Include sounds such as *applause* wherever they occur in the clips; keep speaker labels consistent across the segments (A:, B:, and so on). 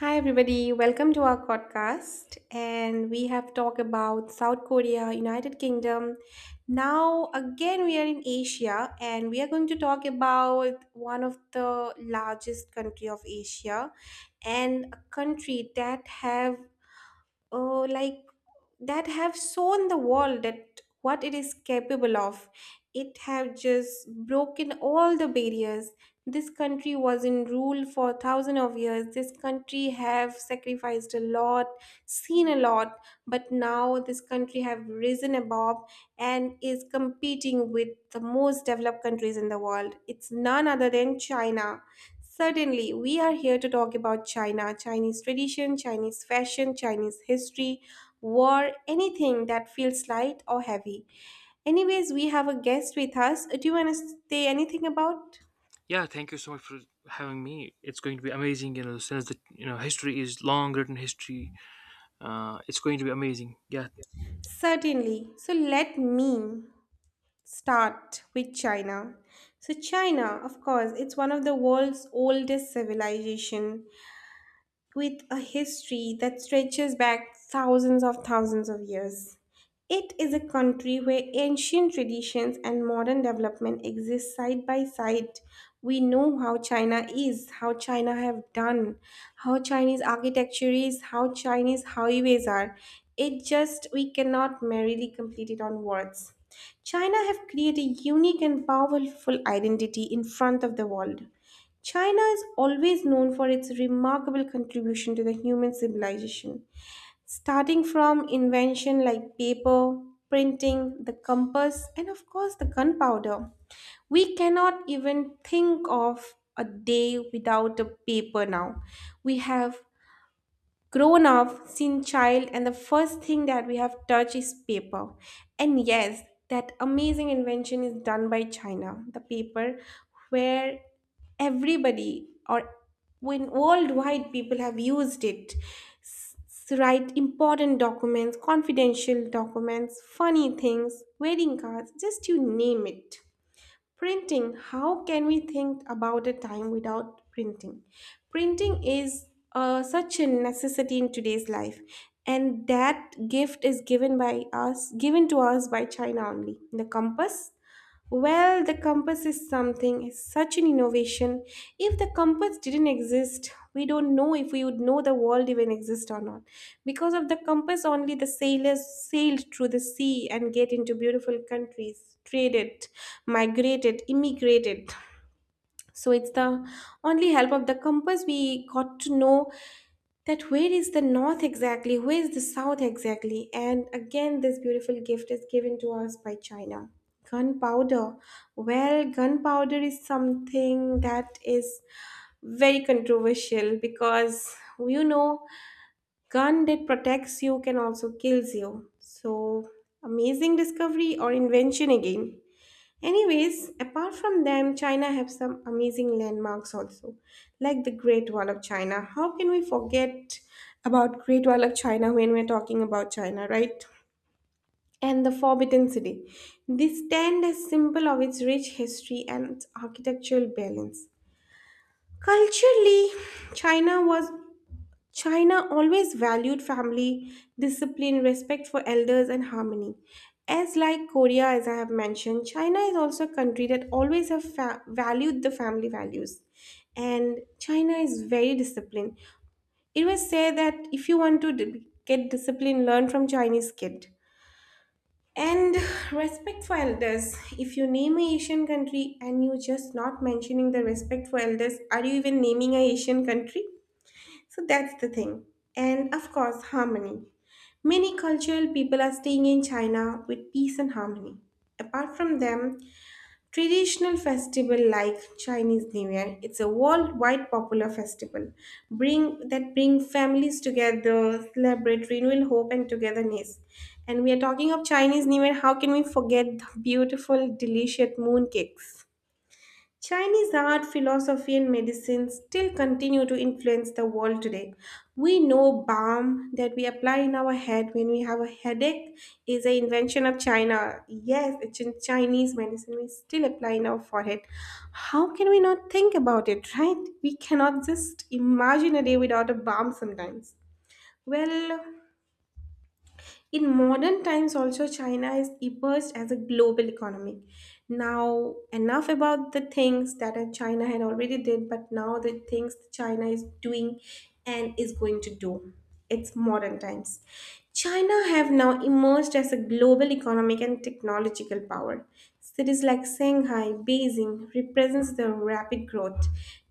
A: Hi, everybody. Welcome to our podcast. And we have talked about South Korea, United Kingdom. Now, again, we are in Asia and we are going to talk about one of the largest country of Asia and a country that have uh, like shown the world that what it is capable of. It have just broken all the barriers. This country was in rule for thousands of years. This country have sacrificed a lot, seen a lot, but now this country have risen above and is competing with the most developed countries in the world. It's none other than China. Certainly, we are here to talk about China, Chinese tradition, Chinese fashion, Chinese history, war, anything that feels light or heavy. Anyways, we have a guest with us. Do you want to say anything about?
B: Yeah, thank you so much for having me. It's going to be amazing, since the history is long written history. It's going to be amazing. Yeah,
A: Certainly. So let me start with China. So China, of course, it's one of the world's oldest civilization, with a history that stretches back thousands of years. It is a country where ancient traditions and modern development exist side by side. We know how China is, how China have done, how Chinese architecture is, how Chinese highways are. It just we cannot merely complete it on words. China have created a unique and powerful identity in front of the world. China is always known for its remarkable contribution to the human civilization, starting from invention like paper, printing, the compass, and of course the gunpowder. We cannot even think of a day without a paper now. We have grown up, seen child, and the first thing that we have touched is paper. And yes, that amazing invention is done by China, the paper where everybody or when worldwide people have used it to write important documents, confidential documents, funny things, wedding cards, just you name it. Printing, how can we think about a time without printing? Printing is such a necessity in today's life, and that gift is given to us by China only. The compass, well, the compass is something, is such an innovation. If the compass didn't exist, we don't know if we would know the world even exists or not. Because of the compass, only the sailors sailed through the sea and get into beautiful countries, traded, migrated, immigrated. So it's the only help of the compass we got to know that where is the north exactly, where is the south exactly, and again this beautiful gift is given to us by China. Gunpowder. Well, gunpowder is something that is very controversial because, you know gun that protects you can also kills you. So amazing discovery or invention again. Anyways, apart from them, China have some amazing landmarks also, like the Great Wall of China. How can we forget about Great Wall of China when we're talking about China, right? And the Forbidden City. They stand as symbol of its rich history and its architectural balance. Culturally, China was China always valued family, discipline, respect for elders, and harmony. As like Korea, as I have mentioned, China is also a country that always have valued the family values, and China is very disciplined. It was said that if you want to get discipline, learn from Chinese kid. And *sighs* respect for elders. If you name a Asian country and you just not mentioning the respect for elders, are you even naming a Asian country? So that's the thing. And of course, harmony. Many cultural people are staying in China with peace and harmony. Apart from them, traditional festival like Chinese New Year, it's a worldwide popular festival bring families together, celebrate renewal, hope and togetherness. And we are talking of Chinese New Year, how can we forget the beautiful, delicious mooncakes? Chinese art, philosophy, and medicine still continue to influence the world today. We know balm that we apply in our head when we have a headache is an invention of China. Yes, it's in Chinese medicine we still apply in our forehead. How can we not think about it, right? We cannot just imagine a day without a balm sometimes. Well, in modern times, also, China is emerged as a global economy. Now, enough about the things that China had already did, but now the things China is doing and is going to do. It's modern times. China have now emerged as a global economic and technological power. Cities like Shanghai, Beijing represents the rapid growth.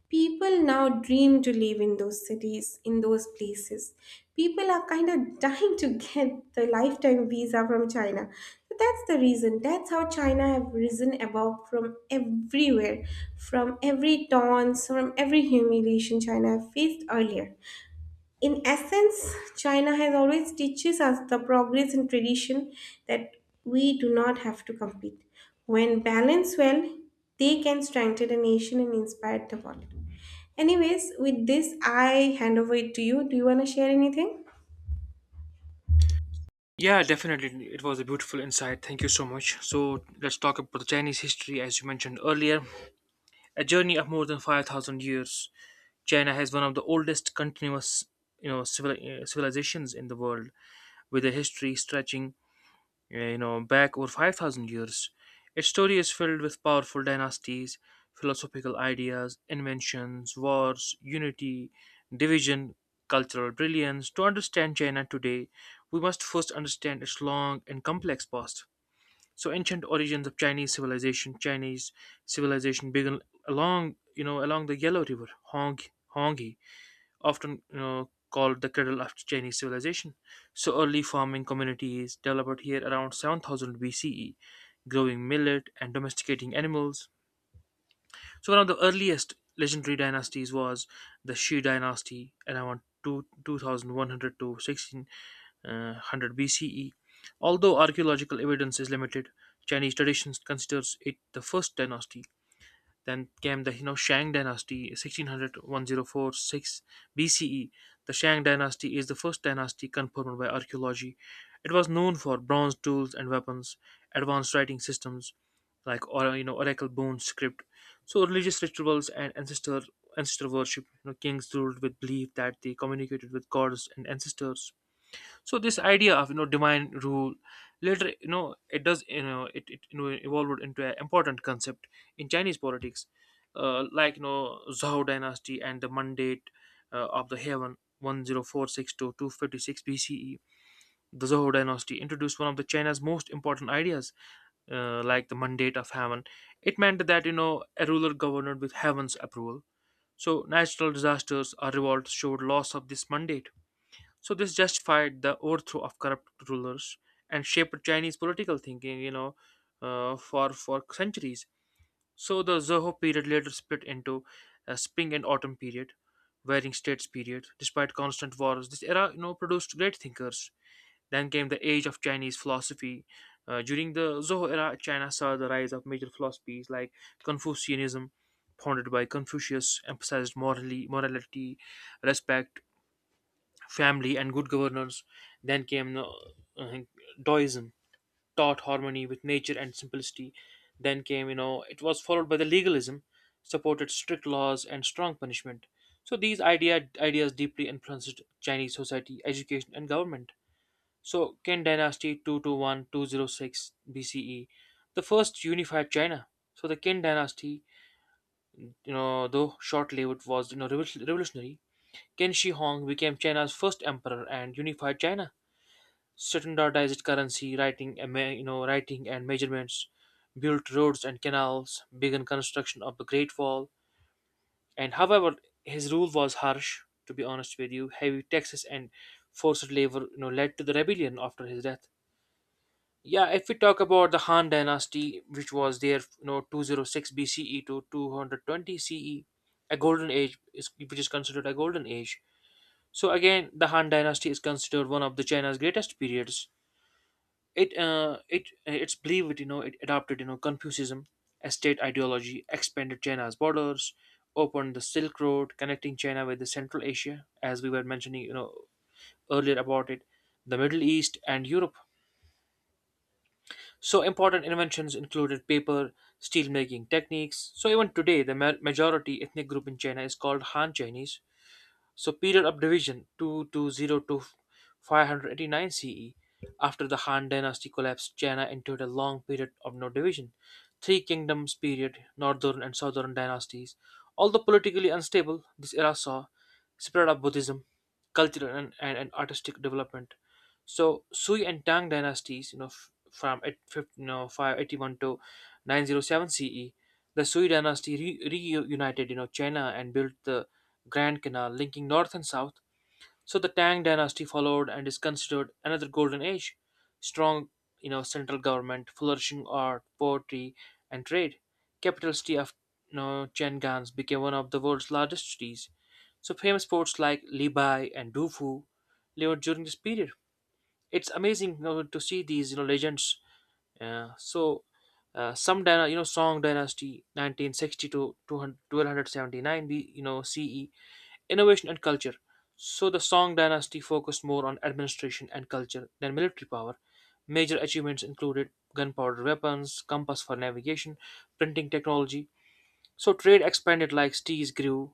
A: People now dream to live in those cities, in those places. People are kind of dying to get the lifetime visa from China. So that's the reason. That's how China have risen above from everywhere, from every taunts, from every humiliation China have faced earlier. In essence, China has always teaches us the progress and tradition that we do not have to compete. When balanced well, they can strengthen a nation and inspire the world. Anyways, with this, I hand over it to you. Do you want to share anything?
B: yeah, definitely. It was a beautiful insight. Thank you so much. So let's talk about the Chinese history, as you mentioned earlier. A journey of more than 5,000 years. China has one of the oldest continuous, civilizations in the world, with a history stretching back over 5,000 years. Its story is filled with powerful dynasties, philosophical ideas, inventions, wars, unity, division, cultural brilliance. To understand China today, we must first understand its long and complex past. So, ancient origins of Chinese civilization. Chinese civilization began along the Yellow River, Honghe, often called the cradle of Chinese civilization. So early farming communities developed here around 7,000 BCE, growing millet and domesticating animals. So one of the earliest legendary dynasties was the Shi dynasty around 2100 to 1600 BCE. Although archaeological evidence is limited, Chinese traditions considers it the first dynasty. Then came the Shang dynasty 1600-1046 BCE. The Shang dynasty is the first dynasty confirmed by archaeology. It was known for bronze tools and weapons, advanced writing systems like or you know oracle bone script. So religious rituals and ancestor worship. Kings ruled with belief that they communicated with gods and ancestors, so this idea of divine rule later it does it evolved into an important concept in Chinese politics, like Zhao dynasty and the mandate of the heaven, 1046 to 256 BCE. The Zhou dynasty introduced one of the China's most important ideas, like the mandate of heaven. It meant that a ruler governed with heaven's approval, so natural disasters or revolts showed loss of this mandate, so this justified the overthrow of corrupt rulers and shaped Chinese political thinking, for centuries. So the Zhou period later split into a spring and autumn period, varying states period. Despite constant wars, this era, produced great thinkers. Then came the age of Chinese philosophy. During the Zhou era, China saw the rise of major philosophies like Confucianism, founded by Confucius, emphasized morally morality, respect, family, and good governance. Then came uh, Taoism, taught harmony with nature and simplicity. Then came, you know, it was followed by the legalism, supported strict laws and strong punishment. So these ideas deeply influenced Chinese society, education, and government. So Qin Dynasty 221-206 BCE, the first unified China. So the Qin Dynasty, though short-lived, was revolutionary. Qin Shi Huang became China's first emperor and unified China, standardized currency, writing, and writing and measurements, built roads and canals, began construction of the Great Wall. And however, his rule was harsh, to be honest with you. Heavy taxes and forced labor led to the rebellion after his death. Yeah, if we talk about the Han dynasty, which was there, 206 BCE to 220 CE, a golden age is which is considered a golden age. So again, the Han dynasty is considered one of the China's greatest periods. It's believed it adopted Confucianism as state ideology, expanded China's borders, opened the Silk Road connecting China with the Central Asia, as we were mentioning, earlier about it, the Middle East, and Europe. So important inventions included paper, steel making techniques. So even today the majority ethnic group in China is called Han Chinese. So period of division, 2202 to 589 CE. After the Han dynasty collapsed, China entered a long period of no division. Three kingdoms period, northern and southern dynasties. Although politically unstable, this era saw spread of Buddhism, cultural and artistic development. So Sui and Tang dynasties, from 581 to 907 CE. The Sui dynasty reunited, China and built the Grand Canal linking north and south. So the Tang dynasty followed and is considered another golden age. Strong, central government, flourishing art, poetry, and trade. Capital city of, Chang'an became one of the world's largest cities. So famous ports like Libai and Dufu lived during this period. It's amazing, to see these, legends. uh, so some dyna- you know Song dynasty 1960 to two hundred twelve hundred seventy nine B, you know CE. Innovation and culture. So the Song dynasty focused more on administration and culture than military power. Major achievements included gunpowder weapons, compass for navigation, printing technology. So trade expanded, like seas grew,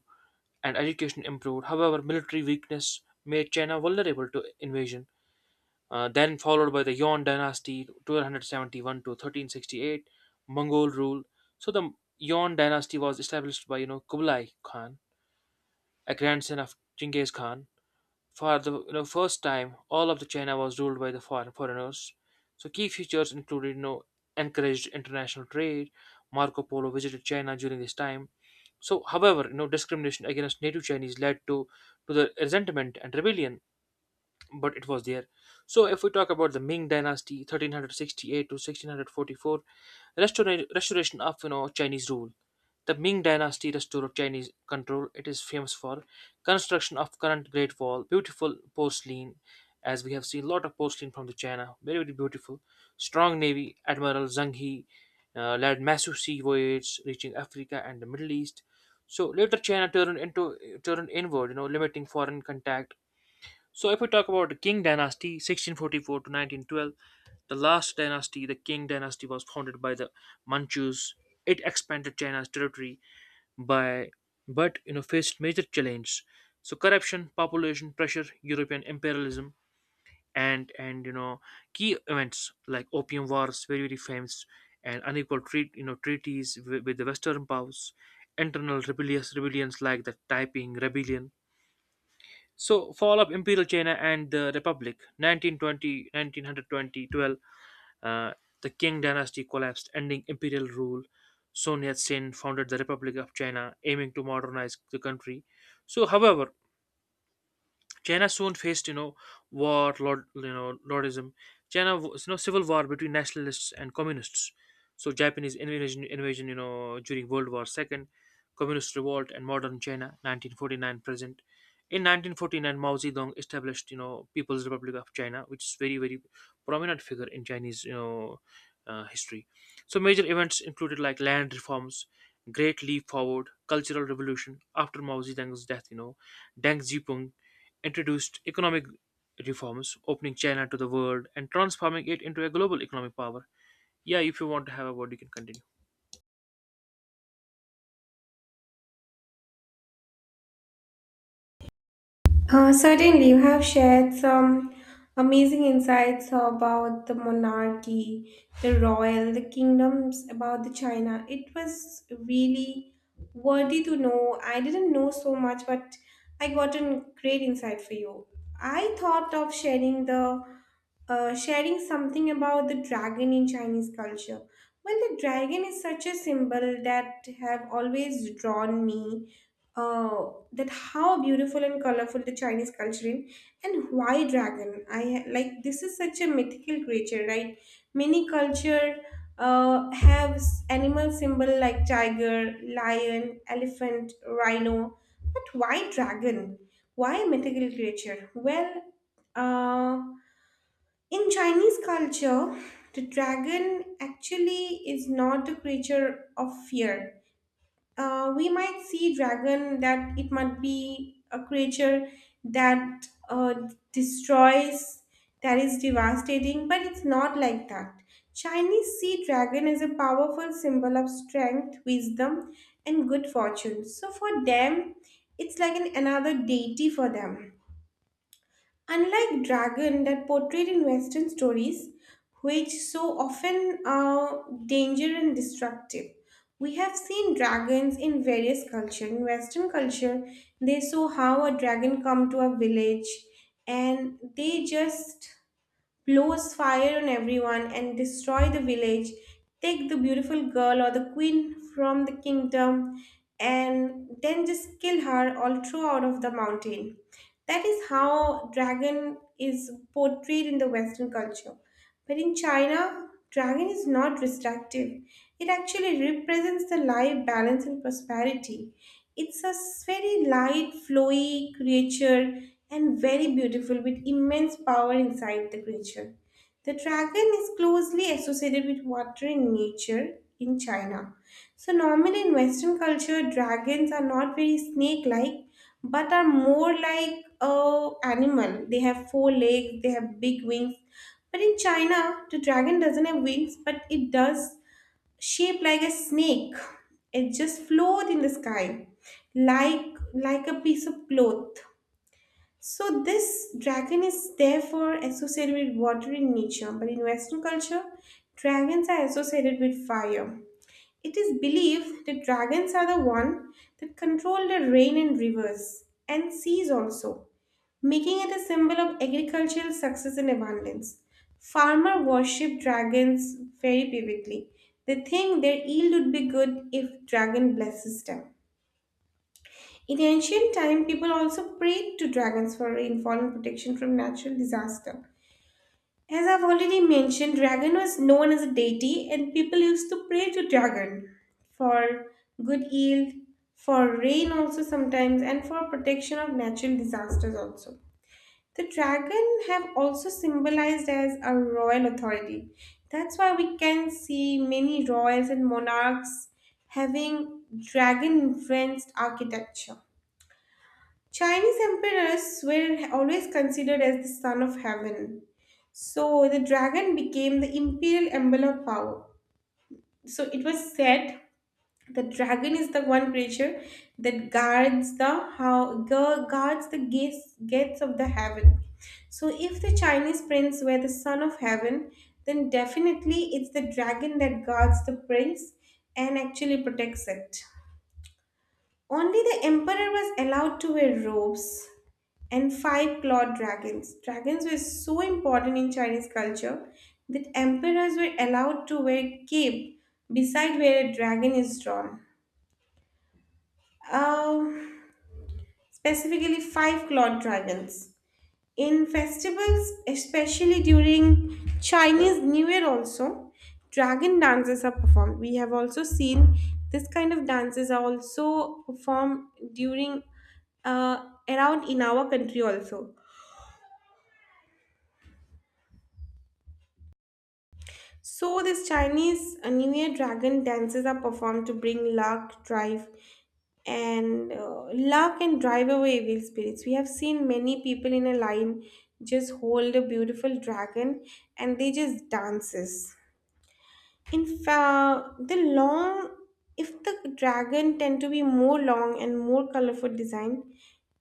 B: and education improved. However, military weakness made China vulnerable to invasion. Then followed by the Yuan dynasty 1271 to 1368, Mongol rule. So the Yuan dynasty was established by, Kublai Khan, a grandson of Genghis Khan. For the, first time, all of the China was ruled by the foreigners. So key features included, encouraged international trade. Marco Polo visited China during this time. So, however, discrimination against native Chinese led to the resentment and rebellion, but it was there. So if we talk about the Ming Dynasty, 1368 to 1644, restoration of, Chinese rule. The Ming Dynasty restored Chinese control. It is famous for construction of current Great Wall, beautiful porcelain, as we have seen a lot of porcelain from the China, very very beautiful. Strong navy. Admiral Zhang He, led massive sea voyages reaching Africa and the Middle East. So later China turned inward, limiting foreign contact. So if we talk about the Qing dynasty, 1644 to 1912, the last dynasty, the Qing dynasty, was founded by the Manchus. It expanded China's territory by, but faced major challenges. So corruption, population pressure, European imperialism, and key events like Opium Wars, very very famous, and unequal treaties with the Western powers, internal rebellious rebellions like the Taiping Rebellion. So, fall of Imperial China and the Republic, 1900 2012. 1920, the Qing dynasty collapsed, ending imperial rule. Sun Yat-sen founded the Republic of China, aiming to modernize the country. So, however, China soon faced, war, lord, lordism. China was, civil war between nationalists and communists. So Japanese invasion, during World War II, communist revolt, and modern China, 1949 present. In 1949, Mao Zedong established, People's Republic of China, which is very, very prominent figure in Chinese, history. So major events included like land reforms, Great Leap Forward, Cultural Revolution. After Mao Zedong's death, Deng Xiaoping introduced economic reforms, opening China to the world and transforming it into a global economic power. Yeah, if you want to have a word, you can continue.
A: Certainly, you have shared some amazing insights about the monarchy, the royal, the kingdoms, about the China. It was really worthy to know. I didn't know so much, but I got a great insight for you. I thought of sharing something about the dragon in Chinese culture. Well, the dragon is such a symbol that have always drawn me, uh, that how beautiful and colorful the Chinese culture is, and why dragon? Like, this is such a mythical creature, right? Many culture have animal symbol like tiger, lion, elephant, rhino, but why dragon? Why mythical creature? Well, uh, in Chinese culture, the dragon actually is not a creature of fear. We might see dragon that it might be a creature that destroys, that is devastating, but it's not like that. Chinese sea dragon is a powerful symbol of strength, wisdom, and good fortune. So for them, it's like another deity for them. Unlike dragon that portrayed in Western stories, which so often are dangerous and destructive, we have seen dragons in various culture. In Western culture, they saw how a dragon come to a village, and they just blows fire on everyone and destroy the village, take the beautiful girl or the queen from the kingdom, and then just kill her all throughout of the mountain. That is how dragon is portrayed in the Western culture. But in China, dragon is not restrictive. It actually represents the life, balance, and prosperity. It's a very light, flowy creature and very beautiful with immense power inside the creature. The dragon is closely associated with water and nature in China. So, normally in Western culture, dragons are not very snake like but are more like a animal. They have four legs, they have big wings, but in China, the dragon doesn't have wings, but it does shape like a snake. It just float in the sky, like a piece of cloth. So this dragon is therefore associated with water in nature, but in Western culture, dragons are associated with fire. It is believed that dragons are the one that control the rain and rivers and seas also, making it a symbol of agricultural success and abundance. Farmers worship dragons very vividly. They think their yield would be good if dragon blesses them. In ancient time, people also prayed to dragons for rainfall and protection from natural disaster. As I've already mentioned, dragon was known as a deity, and people used to pray to dragon for good yield, for rain also sometimes, and for protection of natural disasters also. The dragon have also symbolized as a royal authority. That's why we can see many royals and monarchs having dragon influenced architecture. Chinese emperors were always considered as the son of heaven. So the dragon became the imperial emblem of power. So it was said the dragon is the one creature that guards the gates of the heaven. So if the Chinese prince were the son of heaven, then definitely it's the dragon that guards the prince and actually protects it. Only the emperor was allowed to wear robes and five clawed dragons. Dragons were so important in Chinese culture that emperors were allowed to wear cape beside where a dragon is drawn. Um, Specifically five clawed dragons. In festivals, especially during Chinese New Year, also dragon dances are performed. We have also seen this kind of dances are also performed during uh, around in our country also. So, this Chinese New Year dragon dances are performed to bring luck and drive away evil spirits. We have seen many people in a line just hold a beautiful dragon and they just dances. In fact, if the dragon tend to be more long and more colorful design,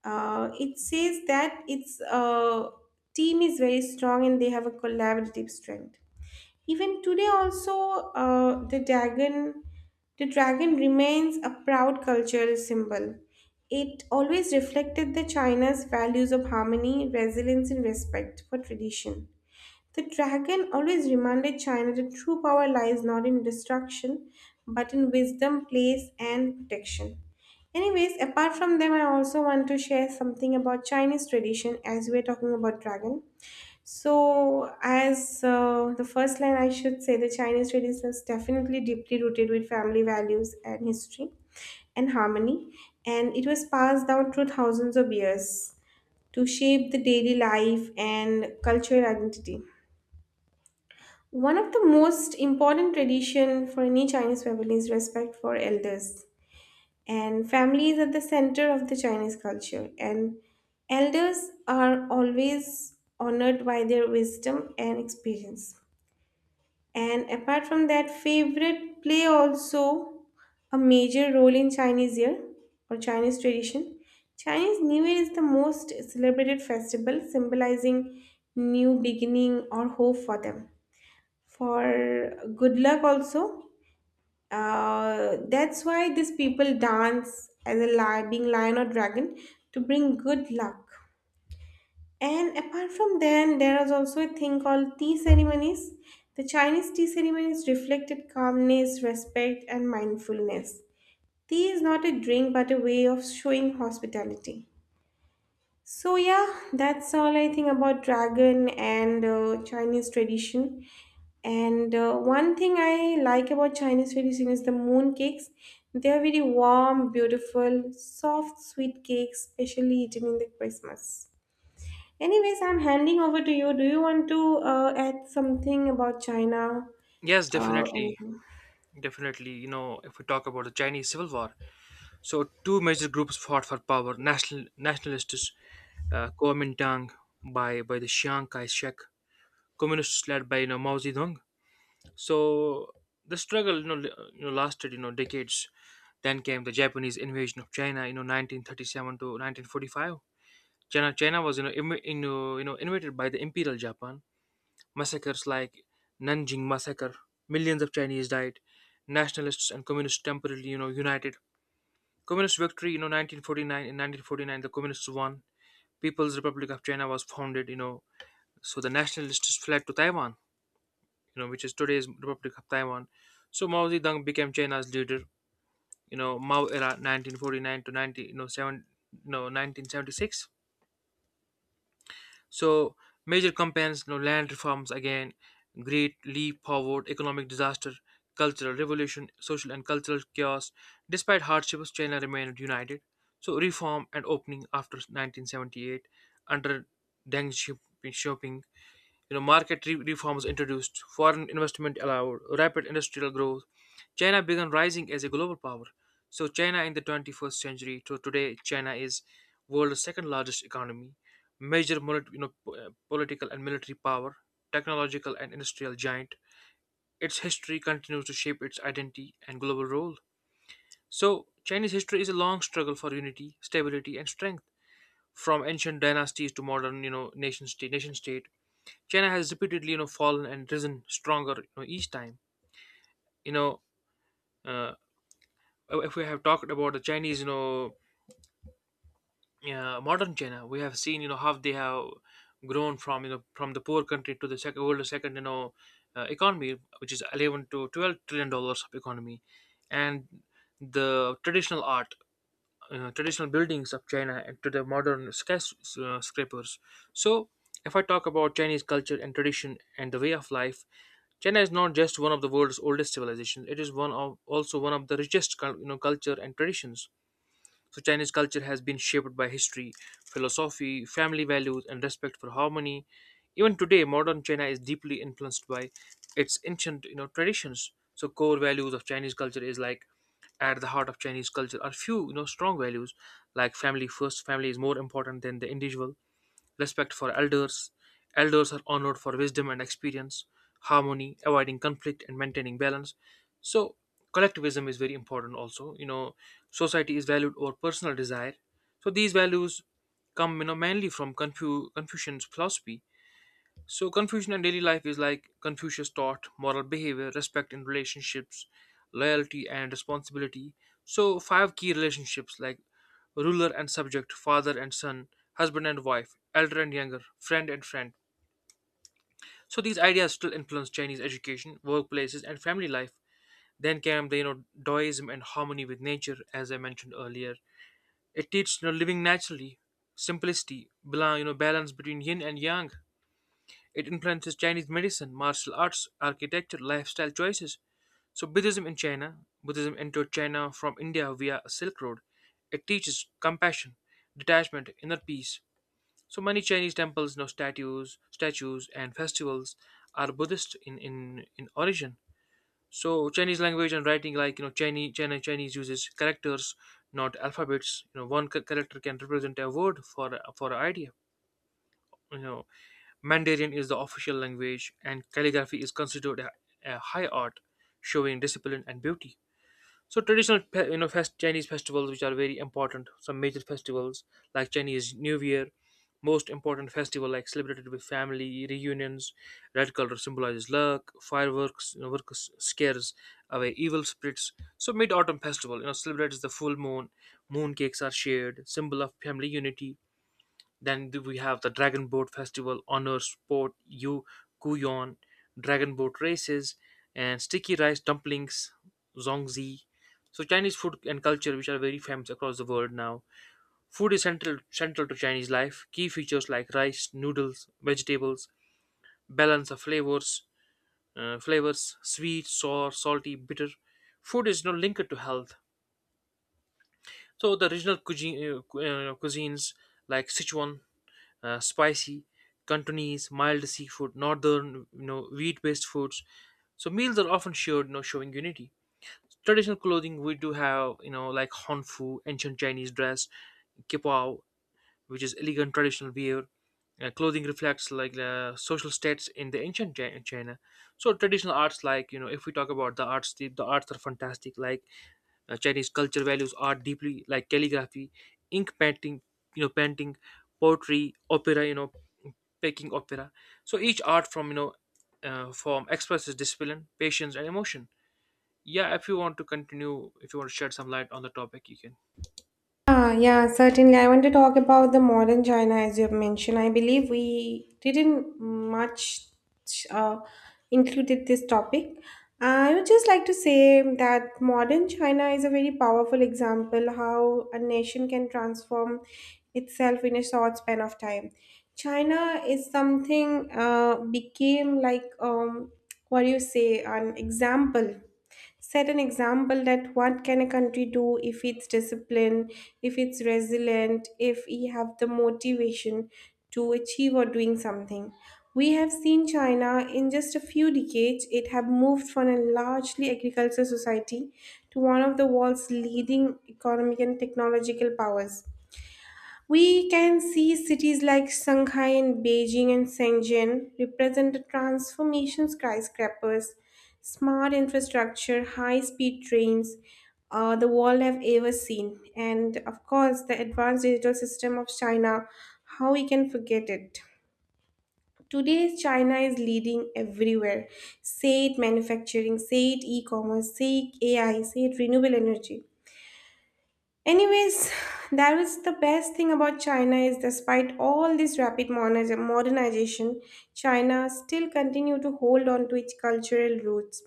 A: it says that its team is very strong and they have a collaborative strength. Even today also, the dragon remains a proud cultural symbol. It always reflected the China's values of harmony, resilience and respect for tradition. The dragon always reminded China that true power lies not in destruction but in wisdom, place and protection. Anyways, apart from them, I also want to share something about Chinese tradition as we're talking about dragon. So, as the first line, I should say the Chinese tradition is definitely deeply rooted with family values and history and harmony, and it was passed down through thousands of years to shape the daily life and cultural identity. One of the most important tradition for any Chinese family is respect for elders, and family is at the center of the Chinese culture, and elders are always honored by their wisdom and experience. And apart from that, favorite play also a major role in Chinese year or Chinese tradition. Chinese New Year is the most celebrated festival symbolizing new beginning or hope for them. For good luck also, that's why these people dance as a lion, being lion or dragon to bring good luck. And apart from then, there is also a thing called tea ceremonies. The Chinese tea ceremonies reflected calmness, respect, and mindfulness. Tea is not a drink but a way of showing hospitality. So, yeah, that's all I think about dragon and Chinese tradition. And one thing I like about Chinese tradition is the moon cakes. They are very warm, beautiful, soft, sweet cakes, especially eaten in the Christmas. Anyways, I'm handing over to you. Do you want to add something about China?
B: Yes, definitely.
A: Anything?
B: Definitely, if we talk about the Chinese Civil War, so two major groups fought for power: nationalists, Kuomintang by the Chiang Kai-shek, communists led by, Mao Zedong. So the struggle, lasted, decades. Then came the Japanese invasion of China, 1937 to 1945. China was you know, Im- in, you know invaded by the Imperial Japan. Massacres like Nanjing massacre, millions of Chinese died. Nationalists and communists temporarily, united. Communist victory, 1949. In 1949, the communists won. People's Republic of China was founded. So the nationalists fled to Taiwan, which is today's Republic of Taiwan. So Mao Zedong became China's leader. Mao era 1949 to 19, you know, seven, no, 1976. So major campaigns, land reforms again, great leap forward, economic disaster, cultural revolution, social and cultural chaos. Despite hardships, China remained united. So reform and opening after 1978 under Deng Xiaoping, market reforms introduced, foreign investment allowed, rapid industrial growth. China began rising as a global power. So China in the 21st century to today, China is world's second largest economy, major political and military power, technological and industrial giant. Its history continues to shape its identity and global role. So Chinese history is a long struggle for unity, stability, and strength, from ancient dynasties to modern, nation state, China has repeatedly, fallen and risen stronger, each time. You know, uh, if we have talked about the modern China, we have seen, how they have grown from the poor country to the second economy, which is $11 to $12 trillion of economy, and the traditional buildings of China, and to the modern scrapers. So, if I talk about Chinese culture and tradition and the way of life, China is not just one of the world's oldest civilizations; it is one of the richest, culture and traditions. So Chinese culture has been shaped by history, philosophy, family values, and respect for harmony. Even today, modern China is deeply influenced by its ancient, traditions. So core values of Chinese culture is like at the heart of Chinese culture are few, strong values, like family first. Family is more important than the individual. Respect for elders. Elders are honored for wisdom and experience, harmony, avoiding conflict, and maintaining balance. So, collectivism is very important also. Society is valued over personal desire. So, these values come, mainly from Confucian's philosophy. So, Confucian in daily life is like Confucius taught moral behavior, respect in relationships, loyalty, and responsibility. So, five key relationships like ruler and subject, father and son, husband and wife, elder and younger, friend and friend. So, these ideas still influence Chinese education, workplaces, and family life. Then came the Taoism and harmony with nature, as I mentioned earlier. It teaches living naturally, simplicity, balance between yin and yang. It influences Chinese medicine, martial arts, architecture, lifestyle choices. So, Buddhism in China, Buddhism entered China from India via a Silk Road. It teaches compassion, detachment, inner peace. So, many Chinese temples, now statues, and festivals are Buddhist in origin. So, Chinese language and writing, like Chinese uses characters, not alphabets. One character can represent a word for an idea. You know, Mandarin is the official language, and calligraphy is considered a high art, showing discipline and beauty. So traditional, Chinese festivals which are very important. Some major festivals like Chinese New Year, most important festival like celebrated with family reunions. Red color symbolizes luck. Fireworks, you know, works scares away evil spirits. So mid autumn festival, celebrates the full moon. Moon cakes are shared, symbol of family unity. Then we have the Dragon Boat Festival, Honor Sport, Yu Kuyon, Dragon Boat Races, and Sticky Rice Dumplings, Zongzi. So Chinese food and culture, which are very famous across the world now. Food is central to Chinese life. Key features like rice, noodles, vegetables, balance of flavors, sweet, sour, salty, bitter. Food is you linked to health. So the regional cuisines like Sichuan spicy, Cantonese, mild seafood, northern, wheat-based foods. So meals are often shared, showing unity. Traditional clothing we do have, like honfu, ancient Chinese dress, kipao, which is elegant traditional wear. Clothing reflects like the social status in the ancient China. So traditional arts, like if we talk about the arts, the arts are fantastic. Like Chinese culture values art deeply, like calligraphy, ink painting, painting, poetry, opera, Peking opera. So each art form expresses discipline, patience, and emotion. Yeah, if you want to continue, if you want to shed some light on the topic, you can.
A: Ah, yeah, certainly. I want to talk about the modern China, as you have mentioned. I believe we didn't much uh, included this topic. I would just like to say that modern China is a very powerful example how a nation can transform itself in a short span of time. China is something became like what do you say, an example, set an example that what can a country do if it's disciplined, if it's resilient, if we have the motivation to achieve or doing something. We have seen china in just a few decades. It have moved from a largely agricultural society to one of the world's leading economic and technological powers. We can see cities like Shanghai and Beijing and Shenzhen represent the transformation: skyscrapers, smart infrastructure, high speed trains the world have ever seen. And of course, the advanced digital system of China, how we can forget it. Today, China is leading everywhere. Say it manufacturing, say it e commerce, say it AI, say it renewable energy. Anyways, that was the best thing about China is despite all this rapid modernization, China still continue to hold on to its cultural roots,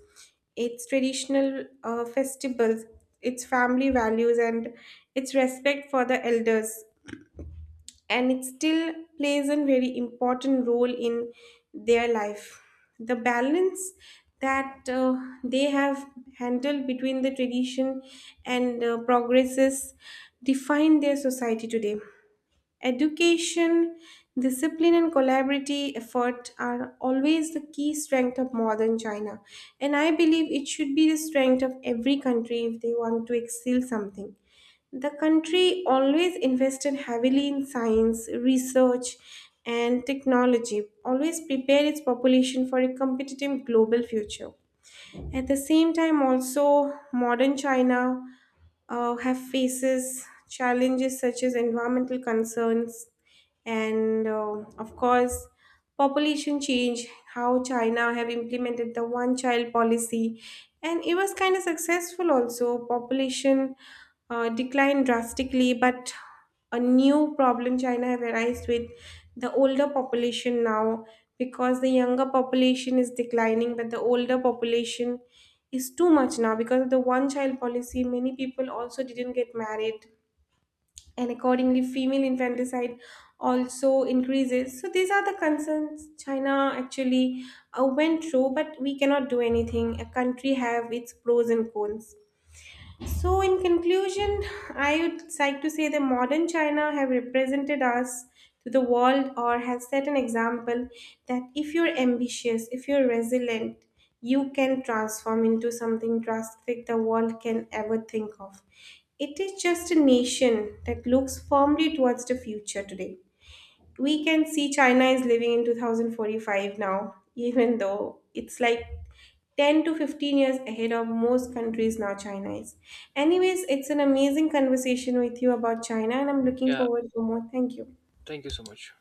A: its traditional festivals, its family values, and its respect for the elders, and it still plays a very important role in their life. The balance that they have handled between the tradition and progresses define their society today. Education, discipline, and collaborative effort are always the key strength of modern China. And I believe it should be the strength of every country if they want to excel something. The country always invested heavily in science, research, and technology, always prepare its population for a competitive global future. At the same time, also, modern China have faces challenges such as environmental concerns and of course population change, how China have implemented the one child policy, and it was kind of successful also. Population declined drastically, but a new problem China have arise with the older population now because the younger population is declining, but the older population is too much now because of the one child policy. Many people also didn't get married and accordingly female infanticide also increases. So these are the concerns china actually went through, but we cannot do anything. A country have its pros and cons. So, in conclusion, I would like to say that modern China have represented us to the world, or has set an example that if you're ambitious, if you're resilient, you can transform into something drastic the world can ever think of. It is just a nation that looks firmly towards the future today. We can see China is living in 2045 now, even though it's like 10 to 15 years ahead of most countries now China is. Anyways, it's an amazing conversation with you about China and I'm looking
B: Yeah,
A: forward to more. Thank you.
B: thank you so much.